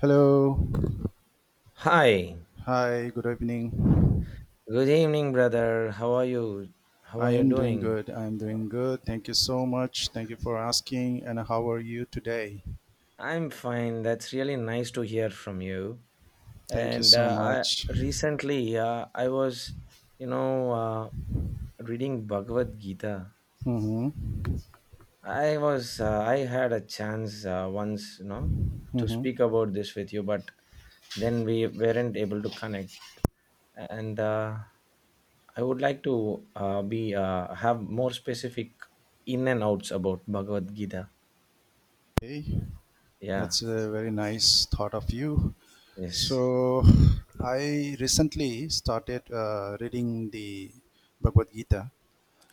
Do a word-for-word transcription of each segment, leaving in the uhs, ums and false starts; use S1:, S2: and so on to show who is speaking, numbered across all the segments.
S1: Hello.
S2: Hi.
S1: Hi, good evening.
S2: Good evening, brother. How are you? How are
S1: I
S2: you
S1: am doing
S2: doing?
S1: good. I am doing good. Thank you so much. Thank you for asking. And how are you today?
S2: I'm fine. That's really nice to hear from you.
S1: Thank you
S2: And
S1: so
S2: uh,
S1: much.
S2: I recently uh, I was, you know, uh, reading Bhagavad Gita.
S1: Mm-hmm.
S2: I was uh, I had a chance uh, once, you know, to
S1: Mm-hmm.
S2: speak about this with you, but then we weren't able to connect. And uh, I would like to uh, be uh, have more specific in and outs about Bhagavad Gita.
S1: Hey,
S2: Yeah.
S1: that's a very nice thought of you.
S2: Yes.
S1: So, I recently started uh, reading the Bhagavad Gita.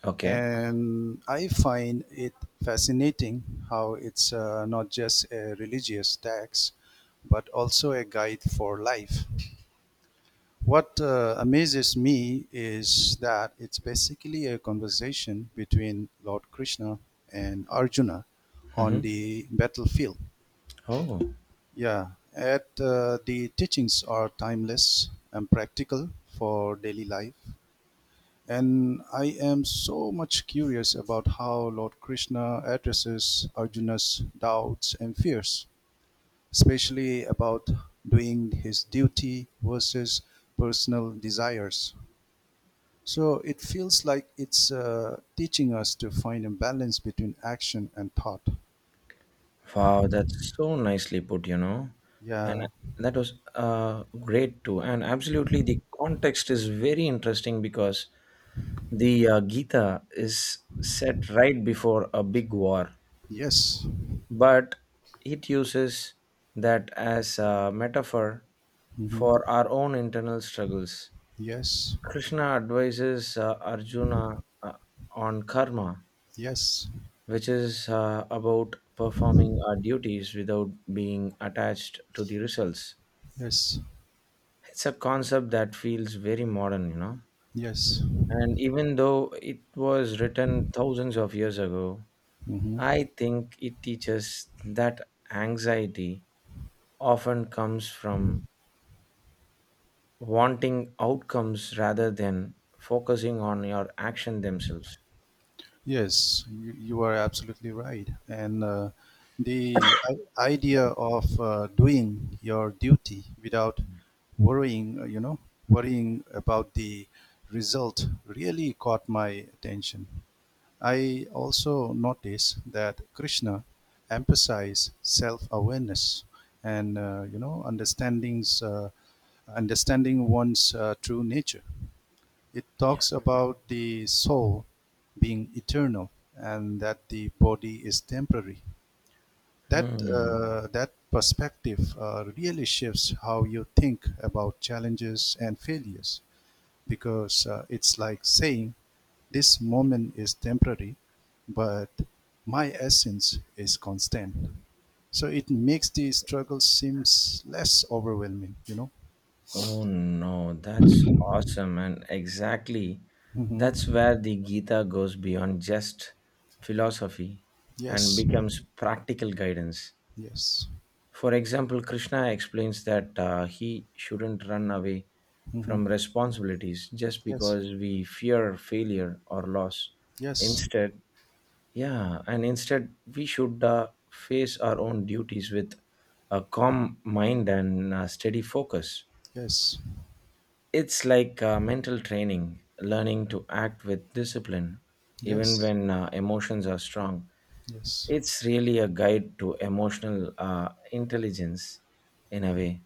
S2: Okay.
S1: And I find it fascinating how it's uh, not just a religious text, but also a guide for life. What uh, amazes me is that it's basically a conversation between Lord Krishna and Arjuna
S2: Mm-hmm.
S1: on the battlefield.
S2: Oh,
S1: Yeah, at uh, the teachings are timeless and practical for daily life. And I am so much curious about how Lord Krishna addresses Arjuna's doubts and fears, especially about doing his duty versus personal desires. So it feels like it's uh, teaching us to find a balance between action and thought.
S2: wow, that's so nicely put, you know.
S1: Yeah.
S2: And that was uh, great too. And absolutely, the context is very interesting because the uh, Gita is set right before a big war,
S1: Yes.
S2: but it uses that as a metaphor
S1: Hmm.
S2: for our own internal struggles.
S1: Yes.
S2: Krishna advises uh, Arjuna uh, on karma,
S1: Yes.
S2: which is uh, about performing our duties without being attached to the results.
S1: Yes.
S2: It's a concept that feels very modern, you know.
S1: Yes.
S2: And even though it was written thousands of years ago,
S1: Hmm.
S2: I think it teaches that anxiety often comes from wanting outcomes rather than focusing on your action themselves.
S1: Yes, you, you are absolutely right. And uh, the i- idea of uh, doing your duty without worrying, uh, you know, worrying about the result really caught my attention. I also noticed that Krishna emphasized self-awareness and, uh, you know, understandings, uh, understanding one's uh, true nature. It talks about the soul being eternal and that the body is temporary. That,
S2: Hmm.
S1: uh, that perspective uh, really shifts how you think about challenges and failures because uh, it's like saying this moment is temporary, but my essence is constant. So it makes the struggle seems less overwhelming, you know?
S2: Oh no, that's awesome. And exactly,
S1: Hmm.
S2: that's where the Gita goes beyond just philosophy and
S1: Yes,
S2: becomes practical guidance.
S1: yes.
S2: For example, Krishna explains that uh, he shouldn't run away
S1: Hmm.
S2: from responsibilities just
S1: Yes,
S2: because we fear failure or loss.
S1: yes.
S2: Instead, yeah, and instead, we should uh, face our own duties with a calm mind and uh, steady focus.
S1: Yes,
S2: It's like uh, mental training, learning to act with discipline, even
S1: yes,
S2: when uh, emotions are strong.
S1: yes,
S2: It's really a guide to emotional uh, intelligence in a way.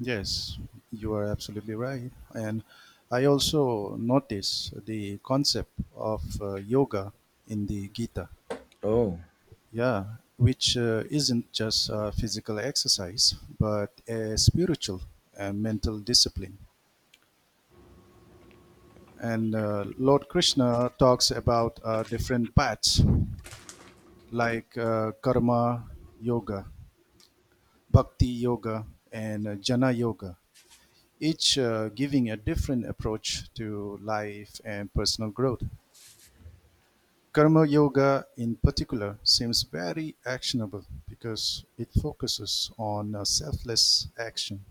S1: yes. You are absolutely right. And I also notice the concept of uh, yoga in the Gita.
S2: Oh,
S1: Yeah, which uh, isn't just a physical exercise, but a spiritual and mental discipline. And uh, Lord Krishna talks about uh, different paths like uh, karma yoga, bhakti yoga, and uh, jnana yoga. each uh, giving a different approach to life and personal growth. Karma Yoga, in particular, seems very actionable because it focuses on uh, selfless action.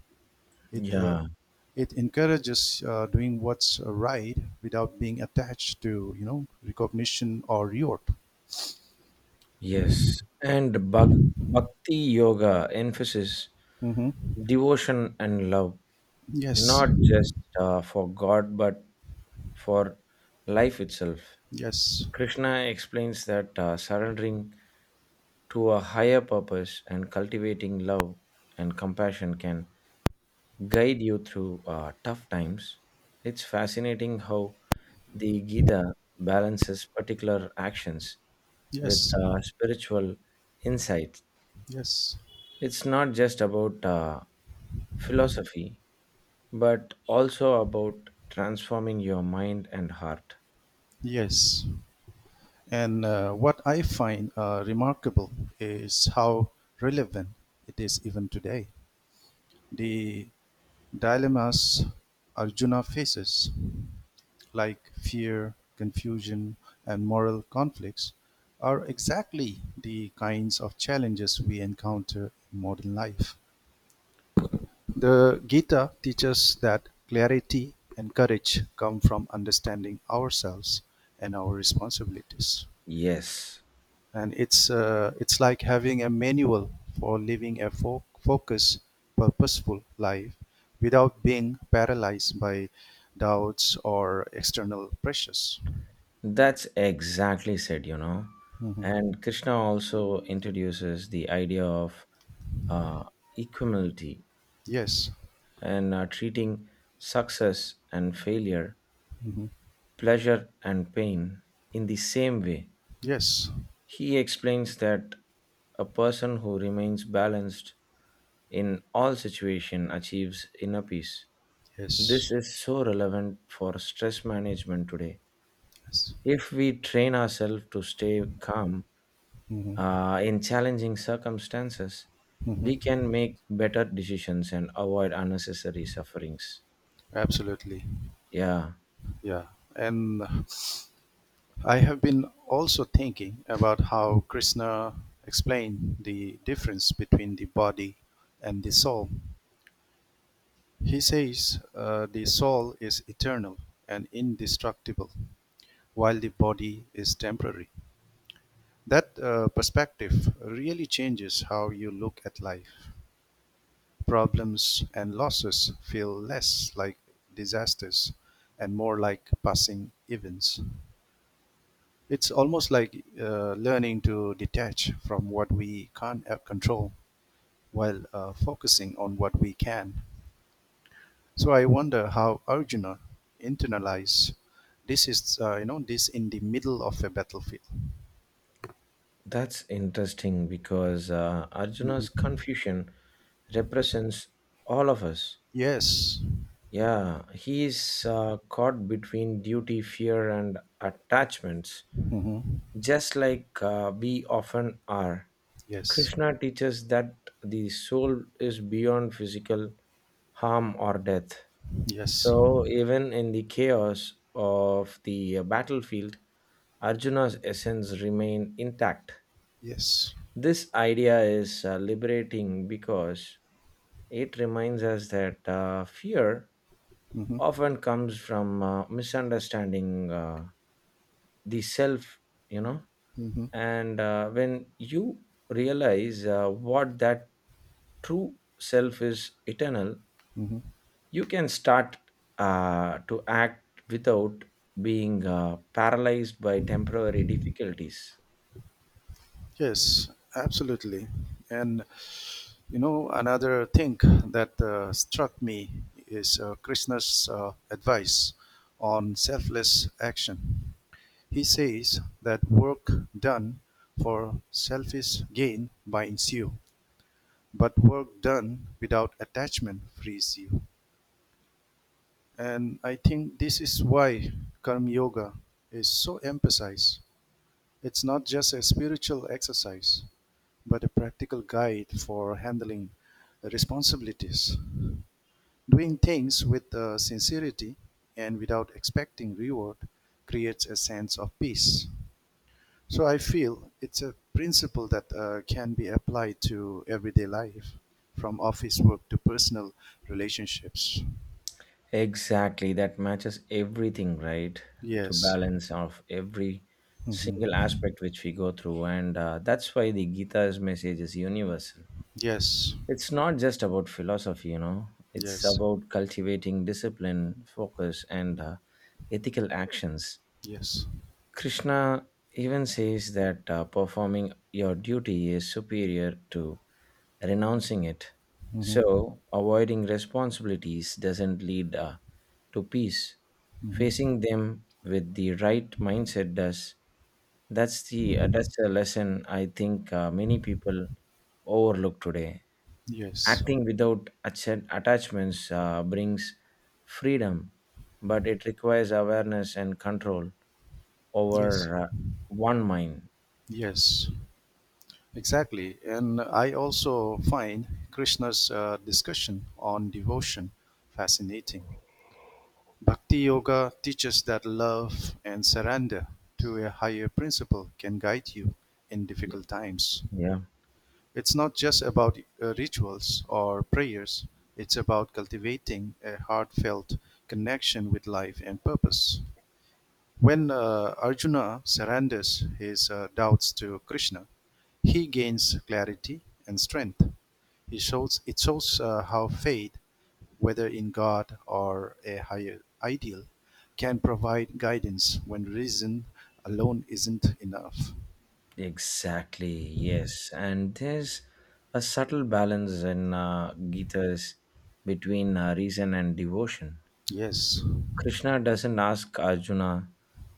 S1: It, uh,
S2: yeah,
S1: it encourages uh, doing what's right without being attached to, you know, recognition or reward.
S2: yes. And bhag- bhakti yoga emphasis
S1: Hmm.
S2: devotion and love,
S1: Yes,
S2: not just uh, for God, but for life itself.
S1: yes,
S2: Krishna explains that uh, surrendering to a higher purpose and cultivating love and compassion can guide you through uh, tough times. It's fascinating how the Gita balances particular actions with
S1: yes,
S2: uh, spiritual insight.
S1: yes,
S2: It's not just about uh, philosophy, but also about transforming your mind and heart.
S1: yes. And uh, what I find uh, remarkable is how relevant it is even today. The dilemmas Arjuna faces, like fear, confusion, and moral conflicts, are exactly the kinds of challenges we encounter in modern life. The Gita teaches that clarity and courage come from understanding ourselves and our responsibilities.
S2: Yes,
S1: And it's uh, it's like having a manual for living a fo- focused, purposeful life without being paralyzed by doubts or external pressures.
S2: that's exactly said, you know.
S1: Mhm.
S2: And Krishna also introduces the idea of uh, equanimity
S1: Yes.
S2: and uh, treating success and failure,
S1: Mhm.
S2: pleasure and pain in the same way.
S1: Yes.
S2: He explains that a person who remains balanced in all situations achieves inner peace. This
S1: Yes.
S2: is so relevant for stress management today.
S1: Yes.
S2: If we train ourselves to stay calm
S1: Mhm.
S2: uh, in challenging circumstances, we
S1: Mhm.
S2: can make better decisions and avoid unnecessary sufferings.
S1: Absolutely.
S2: Yeah.
S1: Yeah. And I have been also thinking about how Krishna explained the difference between the body and the soul. He says uh, the soul is eternal and indestructible, while the body is temporary. That uh, perspective really changes how you look at life. Problems and losses feel less like disasters and more like passing events. It's almost like uh, learning to detach from what we can't uh, control while uh, focusing on what we can. So I wonder how Arjuna internalized this is uh, you know this in the middle of a battlefield.
S2: That's interesting because uh, Arjuna's
S1: Mhm.
S2: confusion represents all of us.
S1: Yes.
S2: Yeah, he is uh, caught between duty, fear, and attachments,
S1: Hmm.
S2: just like uh, we often are.
S1: Yes.
S2: Krishna teaches that the soul is beyond physical harm or death.
S1: Yes.
S2: So, even in the chaos of the uh, battlefield, Arjuna's essence remained intact.
S1: Yes.
S2: This idea is uh, liberating because it reminds us that uh, fear
S1: Hmm.
S2: often comes from uh, misunderstanding uh, the self, you know.
S1: Hmm.
S2: And uh, when you realize uh, what that true self is eternal,
S1: Hmm.
S2: you can start uh, to act without being uh, paralyzed by temporary difficulties.
S1: Yes. Absolutely. And You know, another thing that uh, struck me is uh, Krishna's uh, advice on selfless action. He says that work done for selfish gain binds you, but work done without attachment frees you. And I think this is why Karma Yoga is so emphasized. It's not just a spiritual exercise, but a practical guide for handling responsibilities. Doing things with uh, sincerity and without expecting reward creates a sense of peace. So I feel it's a principle that uh, can be applied to everyday life, from office work to personal relationships.
S2: Exactly, that matches everything, right? To
S1: Yes.
S2: balance of every single
S1: Hmm.
S2: aspect which we go through, and uh, that's why the Gita's message is universal.
S1: Yes.
S2: It's not just about philosophy, you know. It's
S1: Yes.
S2: about cultivating discipline, focus, and uh, ethical actions.
S1: Yes.
S2: Krishna even says that uh, performing your duty is superior to renouncing it.
S1: Hmm.
S2: So, avoiding responsibilities doesn't lead uh, to peace.
S1: Hmm.
S2: Facing them with the right mindset does. That's the uh, that's a lesson I think uh, many people overlook today.
S1: Yes.
S2: Acting without atta- attachments uh, brings freedom, but it requires awareness and control
S1: Yes.
S2: over uh, one mind.
S1: Yes. Exactly. And I also find Krishna's uh, discussion on devotion fascinating. Bhakti Yoga teaches that love and surrender to a higher principle can guide you in
S2: Yeah.
S1: difficult times.
S2: Yeah.
S1: It's not just about uh, rituals or prayers, it's about cultivating a heartfelt connection with life and purpose. When uh, Arjuna surrenders his uh, doubts to Krishna, he gains clarity and strength. He shows it shows uh, how faith, whether in God or a higher ideal, can provide guidance when reason alone isn't enough.
S2: Exactly, yes. And there's a subtle balance in uh, Gita's between uh, reason and devotion.
S1: Yes,
S2: Krishna doesn't ask Arjuna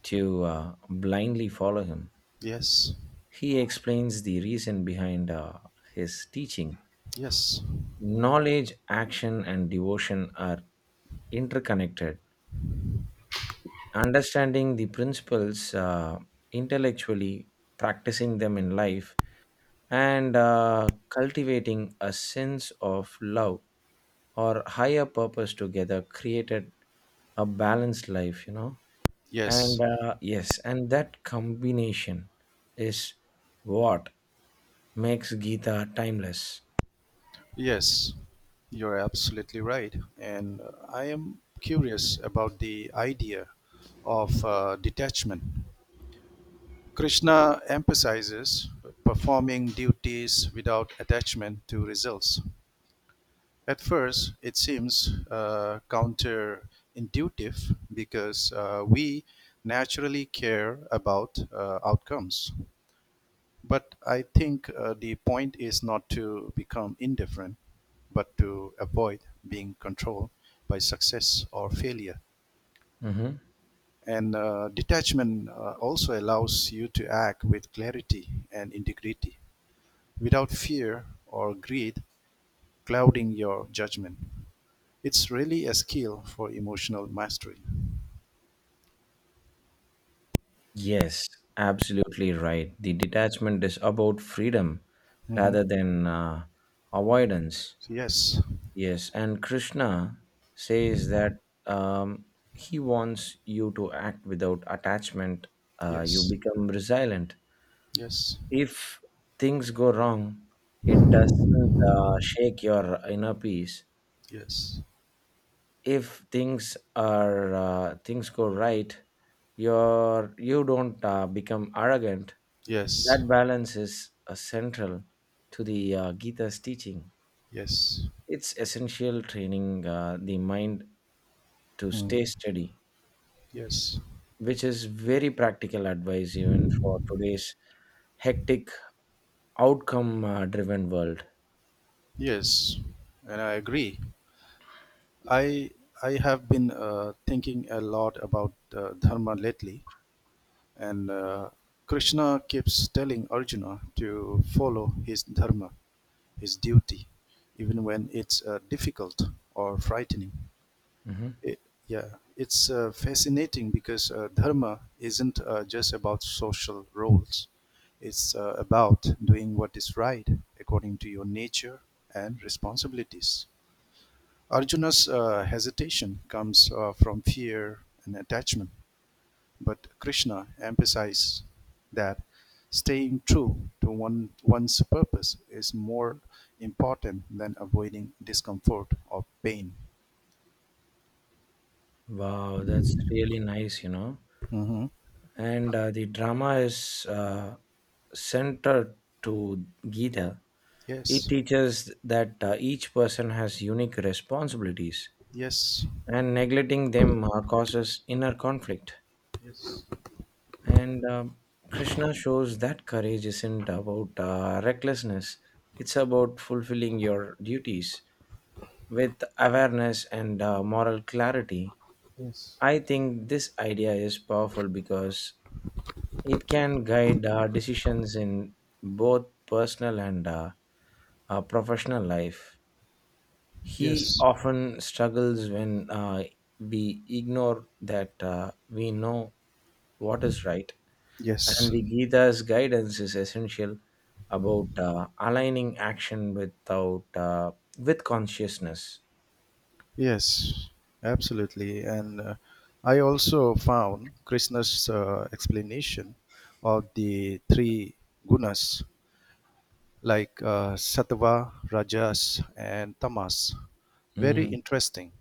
S2: to uh, blindly follow him,
S1: yes,
S2: he explains the reason behind uh, his teaching.
S1: yes,
S2: Knowledge, action, and devotion are interconnected. Understanding the principles uh, intellectually, practicing them in life, and uh, cultivating a sense of love or higher purpose together created a balanced life you know And
S1: yes,
S2: uh, yes, and that combination is what makes gita timeless.
S1: yes. You're absolutely right. And uh, I am curious about the idea of uh, detachment. Krishna emphasizes performing duties without attachment to results. At first, it seems uh, counterintuitive because uh, we naturally care about uh, outcomes. But I think uh, the point is not to become indifferent, but to avoid being controlled by success or failure.
S2: Mhm.
S1: And uh, detachment uh, also allows you to act with clarity and integrity without fear or greed clouding your judgment. It's really a skill for emotional mastery.
S2: Yes, absolutely right, the detachment is about freedom
S1: Hmm.
S2: rather than uh, avoidance.
S1: Yes,
S2: Yes, and Krishna says that um, he wants you to act without attachment. Uh, you
S1: yes,
S2: become resilient.
S1: yes,
S2: If things go wrong, it doesn't uh, shake your inner peace.
S1: yes,
S2: If things are uh, things go right, your you don't uh, become arrogant.
S1: yes,
S2: That balance is uh, central to the uh, Gita's teaching.
S1: yes.
S2: It's essential training uh, the mind to
S1: Mm.
S2: stay steady,
S1: Yes,
S2: which is very practical advice even for today's hectic outcome uh, driven world.
S1: yes, and I agree. I I have been uh, thinking a lot about uh, dharma lately. And uh, Krishna keeps telling Arjuna to follow his dharma, his duty, even when it's uh, difficult or frightening.
S2: Hmm.
S1: It, yeah, it's uh, fascinating because uh, dharma isn't uh, just about social roles. It's uh, about doing what is right according to your nature and responsibilities. Arjuna's uh, hesitation comes uh, from fear and attachment. But Krishna emphasized that staying true to one, one's purpose is more important than avoiding discomfort or pain.
S2: Wow that's really nice you know
S1: Mhm.
S2: and uh, the drama is uh, centered to gita. It
S1: Yes,
S2: teaches that uh, each person has unique responsibilities
S1: yes,
S2: and neglecting them uh, causes inner conflict.
S1: yes,
S2: And um krishna shows that courage isn't about uh, recklessness, it's about fulfilling your duties with awareness and uh, moral clarity.
S1: yes,
S2: I think this idea is powerful because it can guide our decisions in both personal and uh, uh, professional life. He
S1: yes,
S2: often struggles when uh, we ignore that uh, we know what is right. And
S1: yes,
S2: the Gita's guidance is essential about uh, aligning action without uh, with consciousness.
S1: yes, absolutely. And uh, I also found Krishna's uh, explanation of the three gunas like uh, sattva, rajas, and tamas. Very
S2: Mm,
S1: interesting.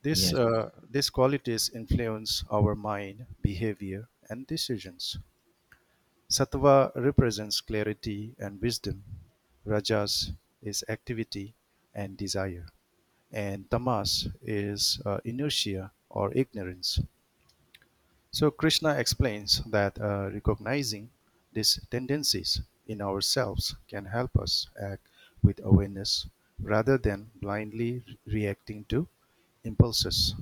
S1: This,
S2: yes.
S1: uh, these qualities influence our mind, behavior, and decisions. Sattva represents clarity and wisdom. Rajas is activity and desire. And tamas is uh, inertia or ignorance. So Krishna explains that uh, recognizing these tendencies in ourselves can help us act with awareness rather than blindly re- reacting to impulses.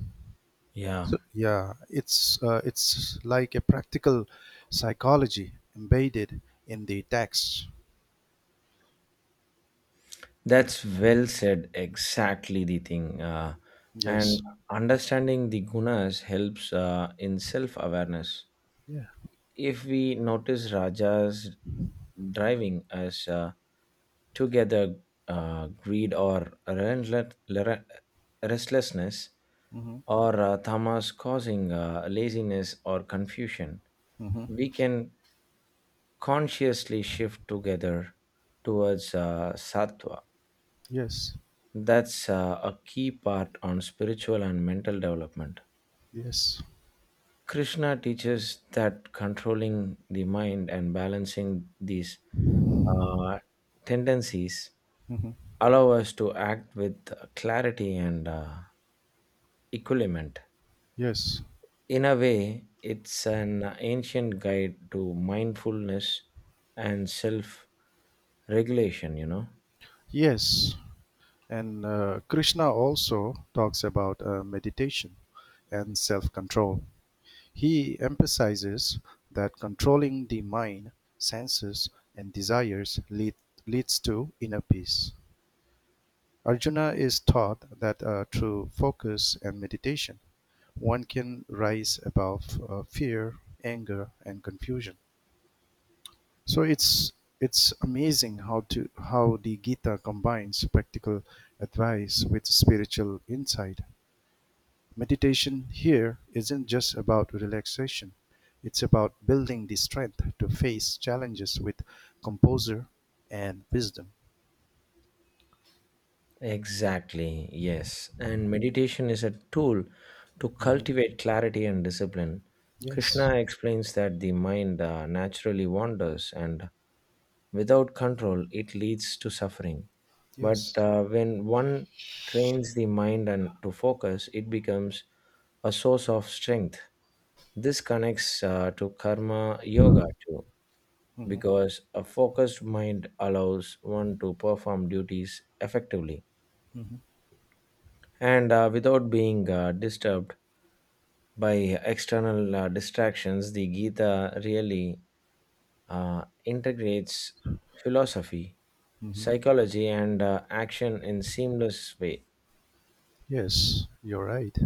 S2: Yeah.
S1: So yeah, it's uh, it's like a practical psychology embedded in the text.
S2: That's well said. Exactly the thing. Uh, and
S1: Yes.
S2: understanding the gunas helps uh, in self awareness.
S1: Yeah.
S2: If we notice Rajas driving us uh, together, uh, greed or relentless- lere- restlessness,
S1: Mm-hmm.
S2: or uh, tamas causing uh, laziness or confusion,
S1: Mm-hmm.
S2: we can consciously shift together towards uh, sattva.
S1: Yes.
S2: That's uh, a key part on spiritual and mental development.
S1: Yes.
S2: Krishna teaches that controlling the mind and balancing these uh, tendencies
S1: Mm-hmm.
S2: allow us to act with clarity and uh, equilibrament.
S1: Yes.
S2: In a way, it's an ancient guide to mindfulness and self regulation, you know.
S1: Yes. And uh, Krishna also talks about uh, meditation and self control. He emphasizes that controlling the mind, senses, and desires lead, leads to inner peace. Arjuna is taught that uh, through focus and meditation, one can rise above uh, fear, anger, and confusion. So it's it's amazing how to how the Gita combines practical advice with spiritual insight. Meditation here isn't just about relaxation, it's about building the strength to face challenges with composure and wisdom.
S2: Exactly, yes. And meditation is a tool to
S1: Mhm.
S2: cultivate clarity and discipline.
S1: Yes,
S2: Krishna explains that the mind uh, naturally wanders, and without control it leads to suffering. But
S1: yes.
S2: uh, when one trains the mind and to focus, it becomes a source of strength. This connects uh, to karma yoga too,
S1: Hmm.
S2: because a focused mind allows one to perform duties effectively
S1: Hmm.
S2: and uh, without being uh, disturbed by external uh, distractions. The Gita really uh, integrates philosophy,
S1: Hmm.
S2: psychology, and uh, action in seamless way.
S1: Yes, you're right.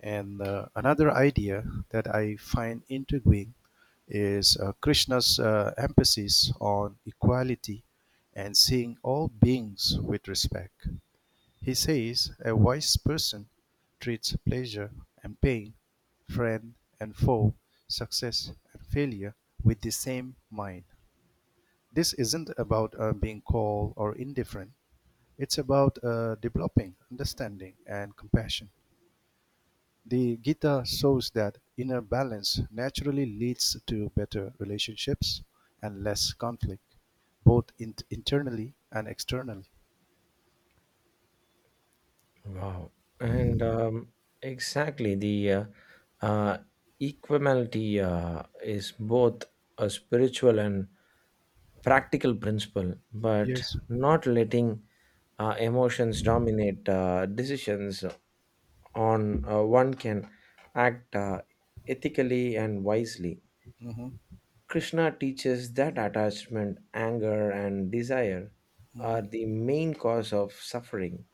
S1: And uh, another idea that I find intriguing is uh, Krishna's uh, emphasis on equality and seeing all beings with respect. He says a wise person treats pleasure and pain, friend and foe, success and failure with the same mind. This isn't about uh, being cold or indifferent. It's about uh, developing understanding and compassion. The Gita shows that inner balance naturally leads to better relationships and less conflict, both in- internally and externally.
S2: Wow. And um, exactly, the uh, uh, equanimity uh, is both a spiritual and practical principle, but
S1: Yes.
S2: not letting uh, emotions dominate uh, decisions on uh, one can act uh, ethically and wisely.
S1: Hmm.
S2: Krishna teaches that attachment, anger, and desire are
S1: Hmm.
S2: the main cause of suffering,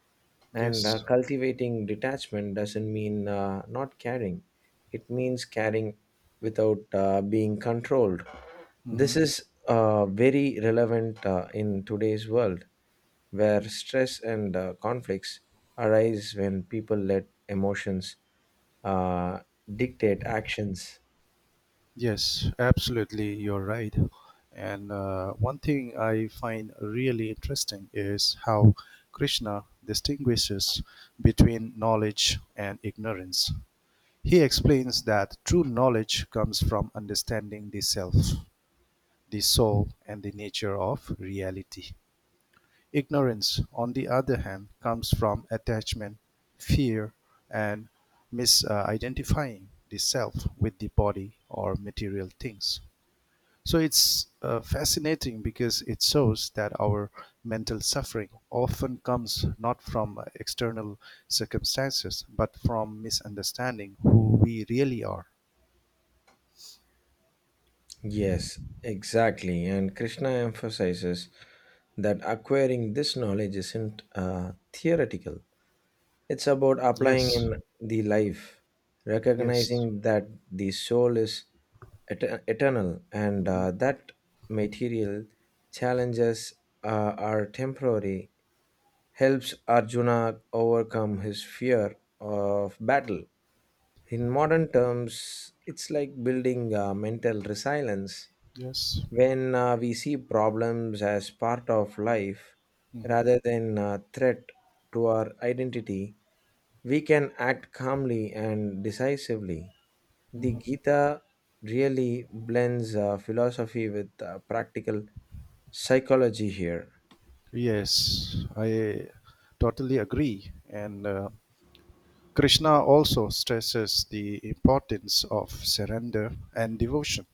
S2: and uh,
S1: Yes.
S2: cultivating detachment doesn't mean uh, not caring, it means caring without uh, being controlled.
S1: Hmm.
S2: This is uh, very relevant uh, in today's world where stress and uh, conflicts arise when people let emotions uh, dictate actions.
S1: Yes, absolutely, you're right. And uh, one thing I find really interesting is how Krishna distinguishes between knowledge and ignorance. He explains that true knowledge comes from understanding the self, the soul, and the nature of reality. Ignorance, on the other hand, comes from attachment, fear, and misidentifying the self with the body or material things. So it's uh, fascinating because it shows that our mental suffering often comes not from uh, external circumstances, but from misunderstanding who we really are.
S2: Yes, exactly. And Krishna emphasizes that acquiring this knowledge isn't uh, theoretical, it's about applying
S1: Yes,
S2: in the life.
S1: yes.
S2: Recognizing that the soul is et- eternal and
S1: Hmm.
S2: uh, that material challenges uh, are temporary, helps Arjuna overcome his fear of battle. In modern terms, it's like building uh, mental resilience.
S1: Yes.
S2: When uh, we see problems as part of life
S1: Hmm.
S2: rather than a threat to our identity, we can act calmly and decisively. The
S1: Hmm.
S2: Gita really blends uh, philosophy with uh, practical psychology here.
S1: Yes. I totally agree. And uh, Krishna also stresses the importance of surrender and devotion.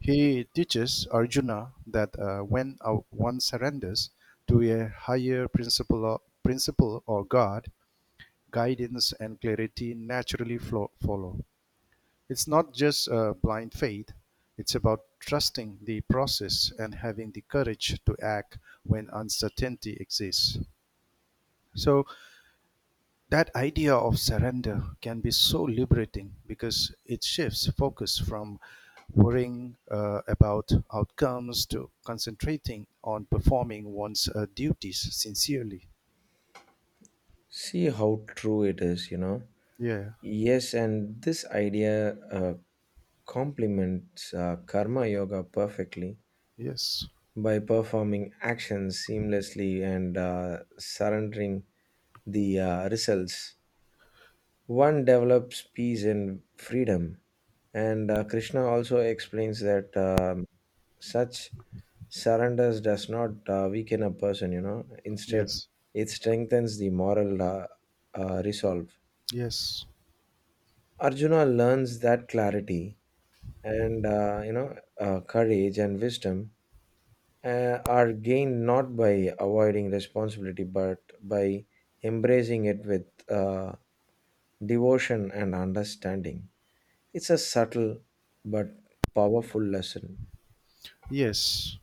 S1: He teaches Arjuna that uh, when uh, one surrenders to a higher principle, or principle or God, guidance and clarity naturally flow, follow. It's not just uh, blind faith, it's about trusting the process and having the courage to act when uncertainty exists. So, That idea of surrender can be so liberating because it shifts focus from worrying uh, about outcomes to concentrating on performing one's uh, duties sincerely.
S2: See how true it is, you know.
S1: Yeah,
S2: Yes, and this idea uh, complements uh, karma yoga perfectly,
S1: yes,
S2: by performing actions seamlessly and uh, surrendering the uh, results. One develops peace and freedom. And uh, Krishna also explains that um, such surrenders does not uh, weaken a person, you know, instead,
S1: yes,
S2: it strengthens the moral uh, uh, resolve.
S1: yes,
S2: Arjuna learns that clarity and, uh, you know, uh, courage and wisdom uh, are gained not by avoiding responsibility but by embracing it with uh, devotion and understanding. It's a subtle but powerful lesson.
S1: yes,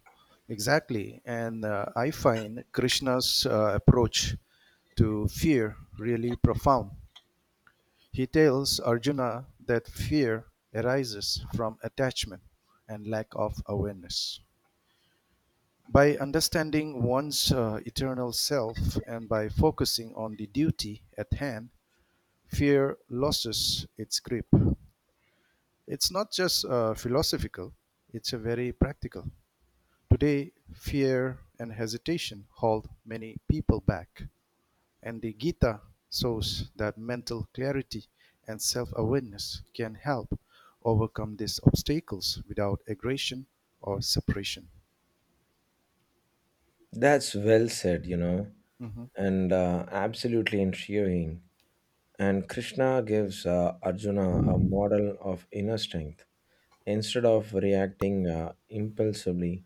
S1: exactly. And uh, I find Krishna's uh, approach to fear really profound. He tells Arjuna that fear arises from attachment and lack of awareness. By understanding one's uh, eternal self and by focusing on the duty at hand, fear loses its grip. It's not just uh, philosophical, it's a very practical. Today, fear and hesitation hold many people back. And the Gita shows that mental clarity and self-awareness can help overcome these obstacles without aggression or separation.
S2: That's well said, you know,
S1: Mhm.
S2: and uh, absolutely intriguing. And Krishna gives uh, Arjuna a model of inner strength. Instead of reacting uh, impulsively,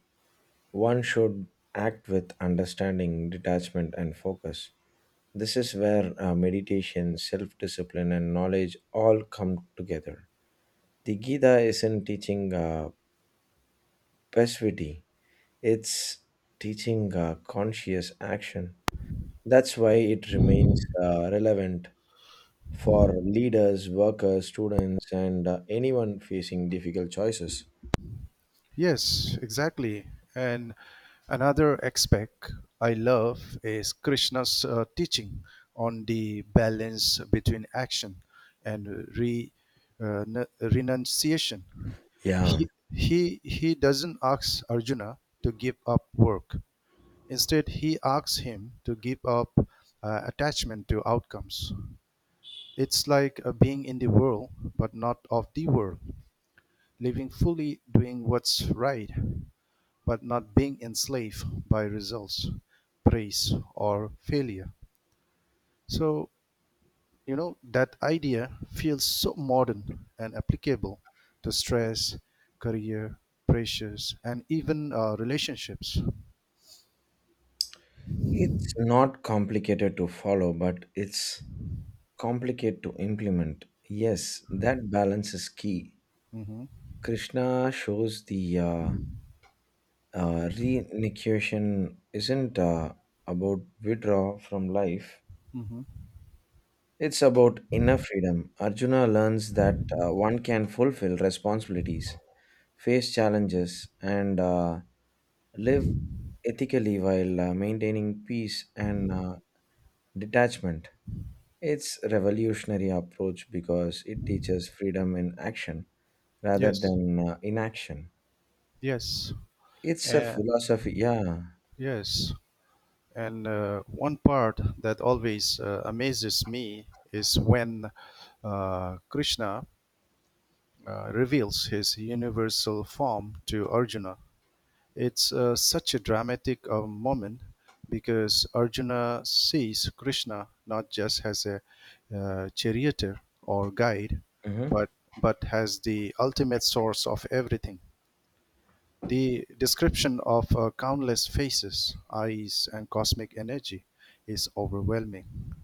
S2: one should act with understanding, detachment, and focus. This is where uh, meditation, self discipline, and knowledge all come together. The Gita isn't teaching uh, passivity, it's teaching uh, conscious action. That's why it remains uh, relevant for leaders, workers, students, and uh, anyone facing difficult choices.
S1: Yes, exactly. And another aspect I love is Krishna's uh, teaching on the balance between action and re, uh, n- renunciation.
S2: Yeah,
S1: He, he, he doesn't ask Arjuna to give up work. Instead, he asks him to give up uh, attachment to outcomes. It's like uh, being in the world, but not of the world, living fully, doing what's right, but not being enslaved by results, praise, or failure. So, you know, that idea feels so modern and applicable to stress, career, pressures, and even uh, relationships.
S2: it's not complicated to follow, but it's complicated to implement. Yes, that balance is key.
S1: Hmm.
S2: Krishna shows the uh, uh, renunciation isn't uh, about withdrawal from life.
S1: Hmm.
S2: It's about inner freedom. Arjuna learns that uh, one can fulfill responsibilities, face challenges, and uh, live ethically while uh, maintaining peace and uh, detachment. It's revolutionary approach because it teaches freedom in action rather
S1: Yes,
S2: than uh, inaction.
S1: yes.
S2: It's a
S1: Uh,
S2: philosophy, yeah.
S1: Yes, and uh, one part that always uh, amazes me is when uh, Krishna uh, reveals his universal form to Arjuna. It's uh, such a dramatic uh, moment because Arjuna sees Krishna not just as a uh, charioteer or guide,
S2: Hmm.
S1: but but as the ultimate source of everything. The description of uh, countless faces, eyes, and cosmic energy is overwhelming.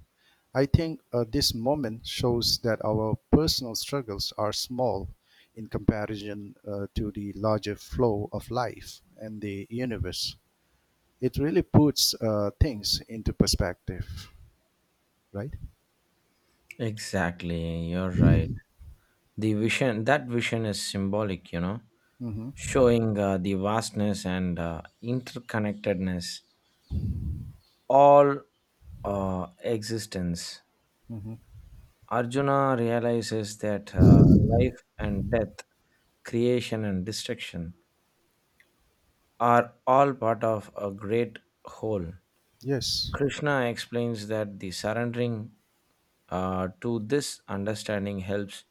S1: I think uh, this moment shows that our personal struggles are small in comparison uh, to the larger flow of life and the universe. It really puts uh, things into perspective, right?
S2: Exactly, you're right. The vision, that vision is symbolic, you know,
S1: Mm-hmm.
S2: showing uh, the vastness and uh, interconnectedness, all uh, existence. Arjuna realizes that uh, life and death, creation and destruction are all part of a great whole.
S1: Yes.
S2: Krishna explains that the surrendering uh, to this understanding helps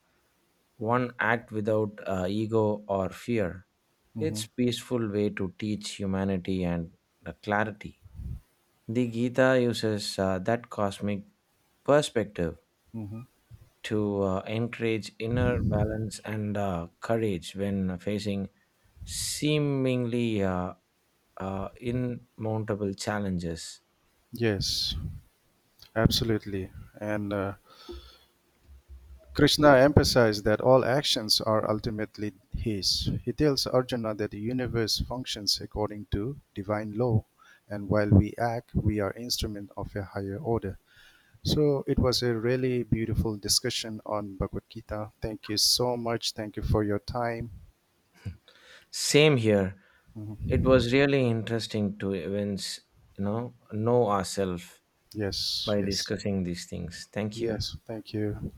S2: one act without uh, ego or fear.
S1: Mm-hmm.
S2: It's peaceful way to teach humanity and the clarity. The Gita uses uh, that cosmic perspective
S1: Mm-hmm.
S2: to uh, encourage inner balance and uh, courage when facing seemingly uh, uh, insurmountable challenges.
S1: Yes, absolutely. And uh, Krishna emphasizes that all actions are ultimately his. He tells Arjuna that the universe functions according to divine law, and while we act, we are instrument of a higher order. So it was a really beautiful discussion on Bhagavad Gita. Thank you so much. Thank you for your time.
S2: Same here. It
S1: Mhm.
S2: was really interesting to events, you know, know ourselves
S1: Yes,
S2: by
S1: yes,
S2: discussing these things. Thank you.
S1: yes. Thank you.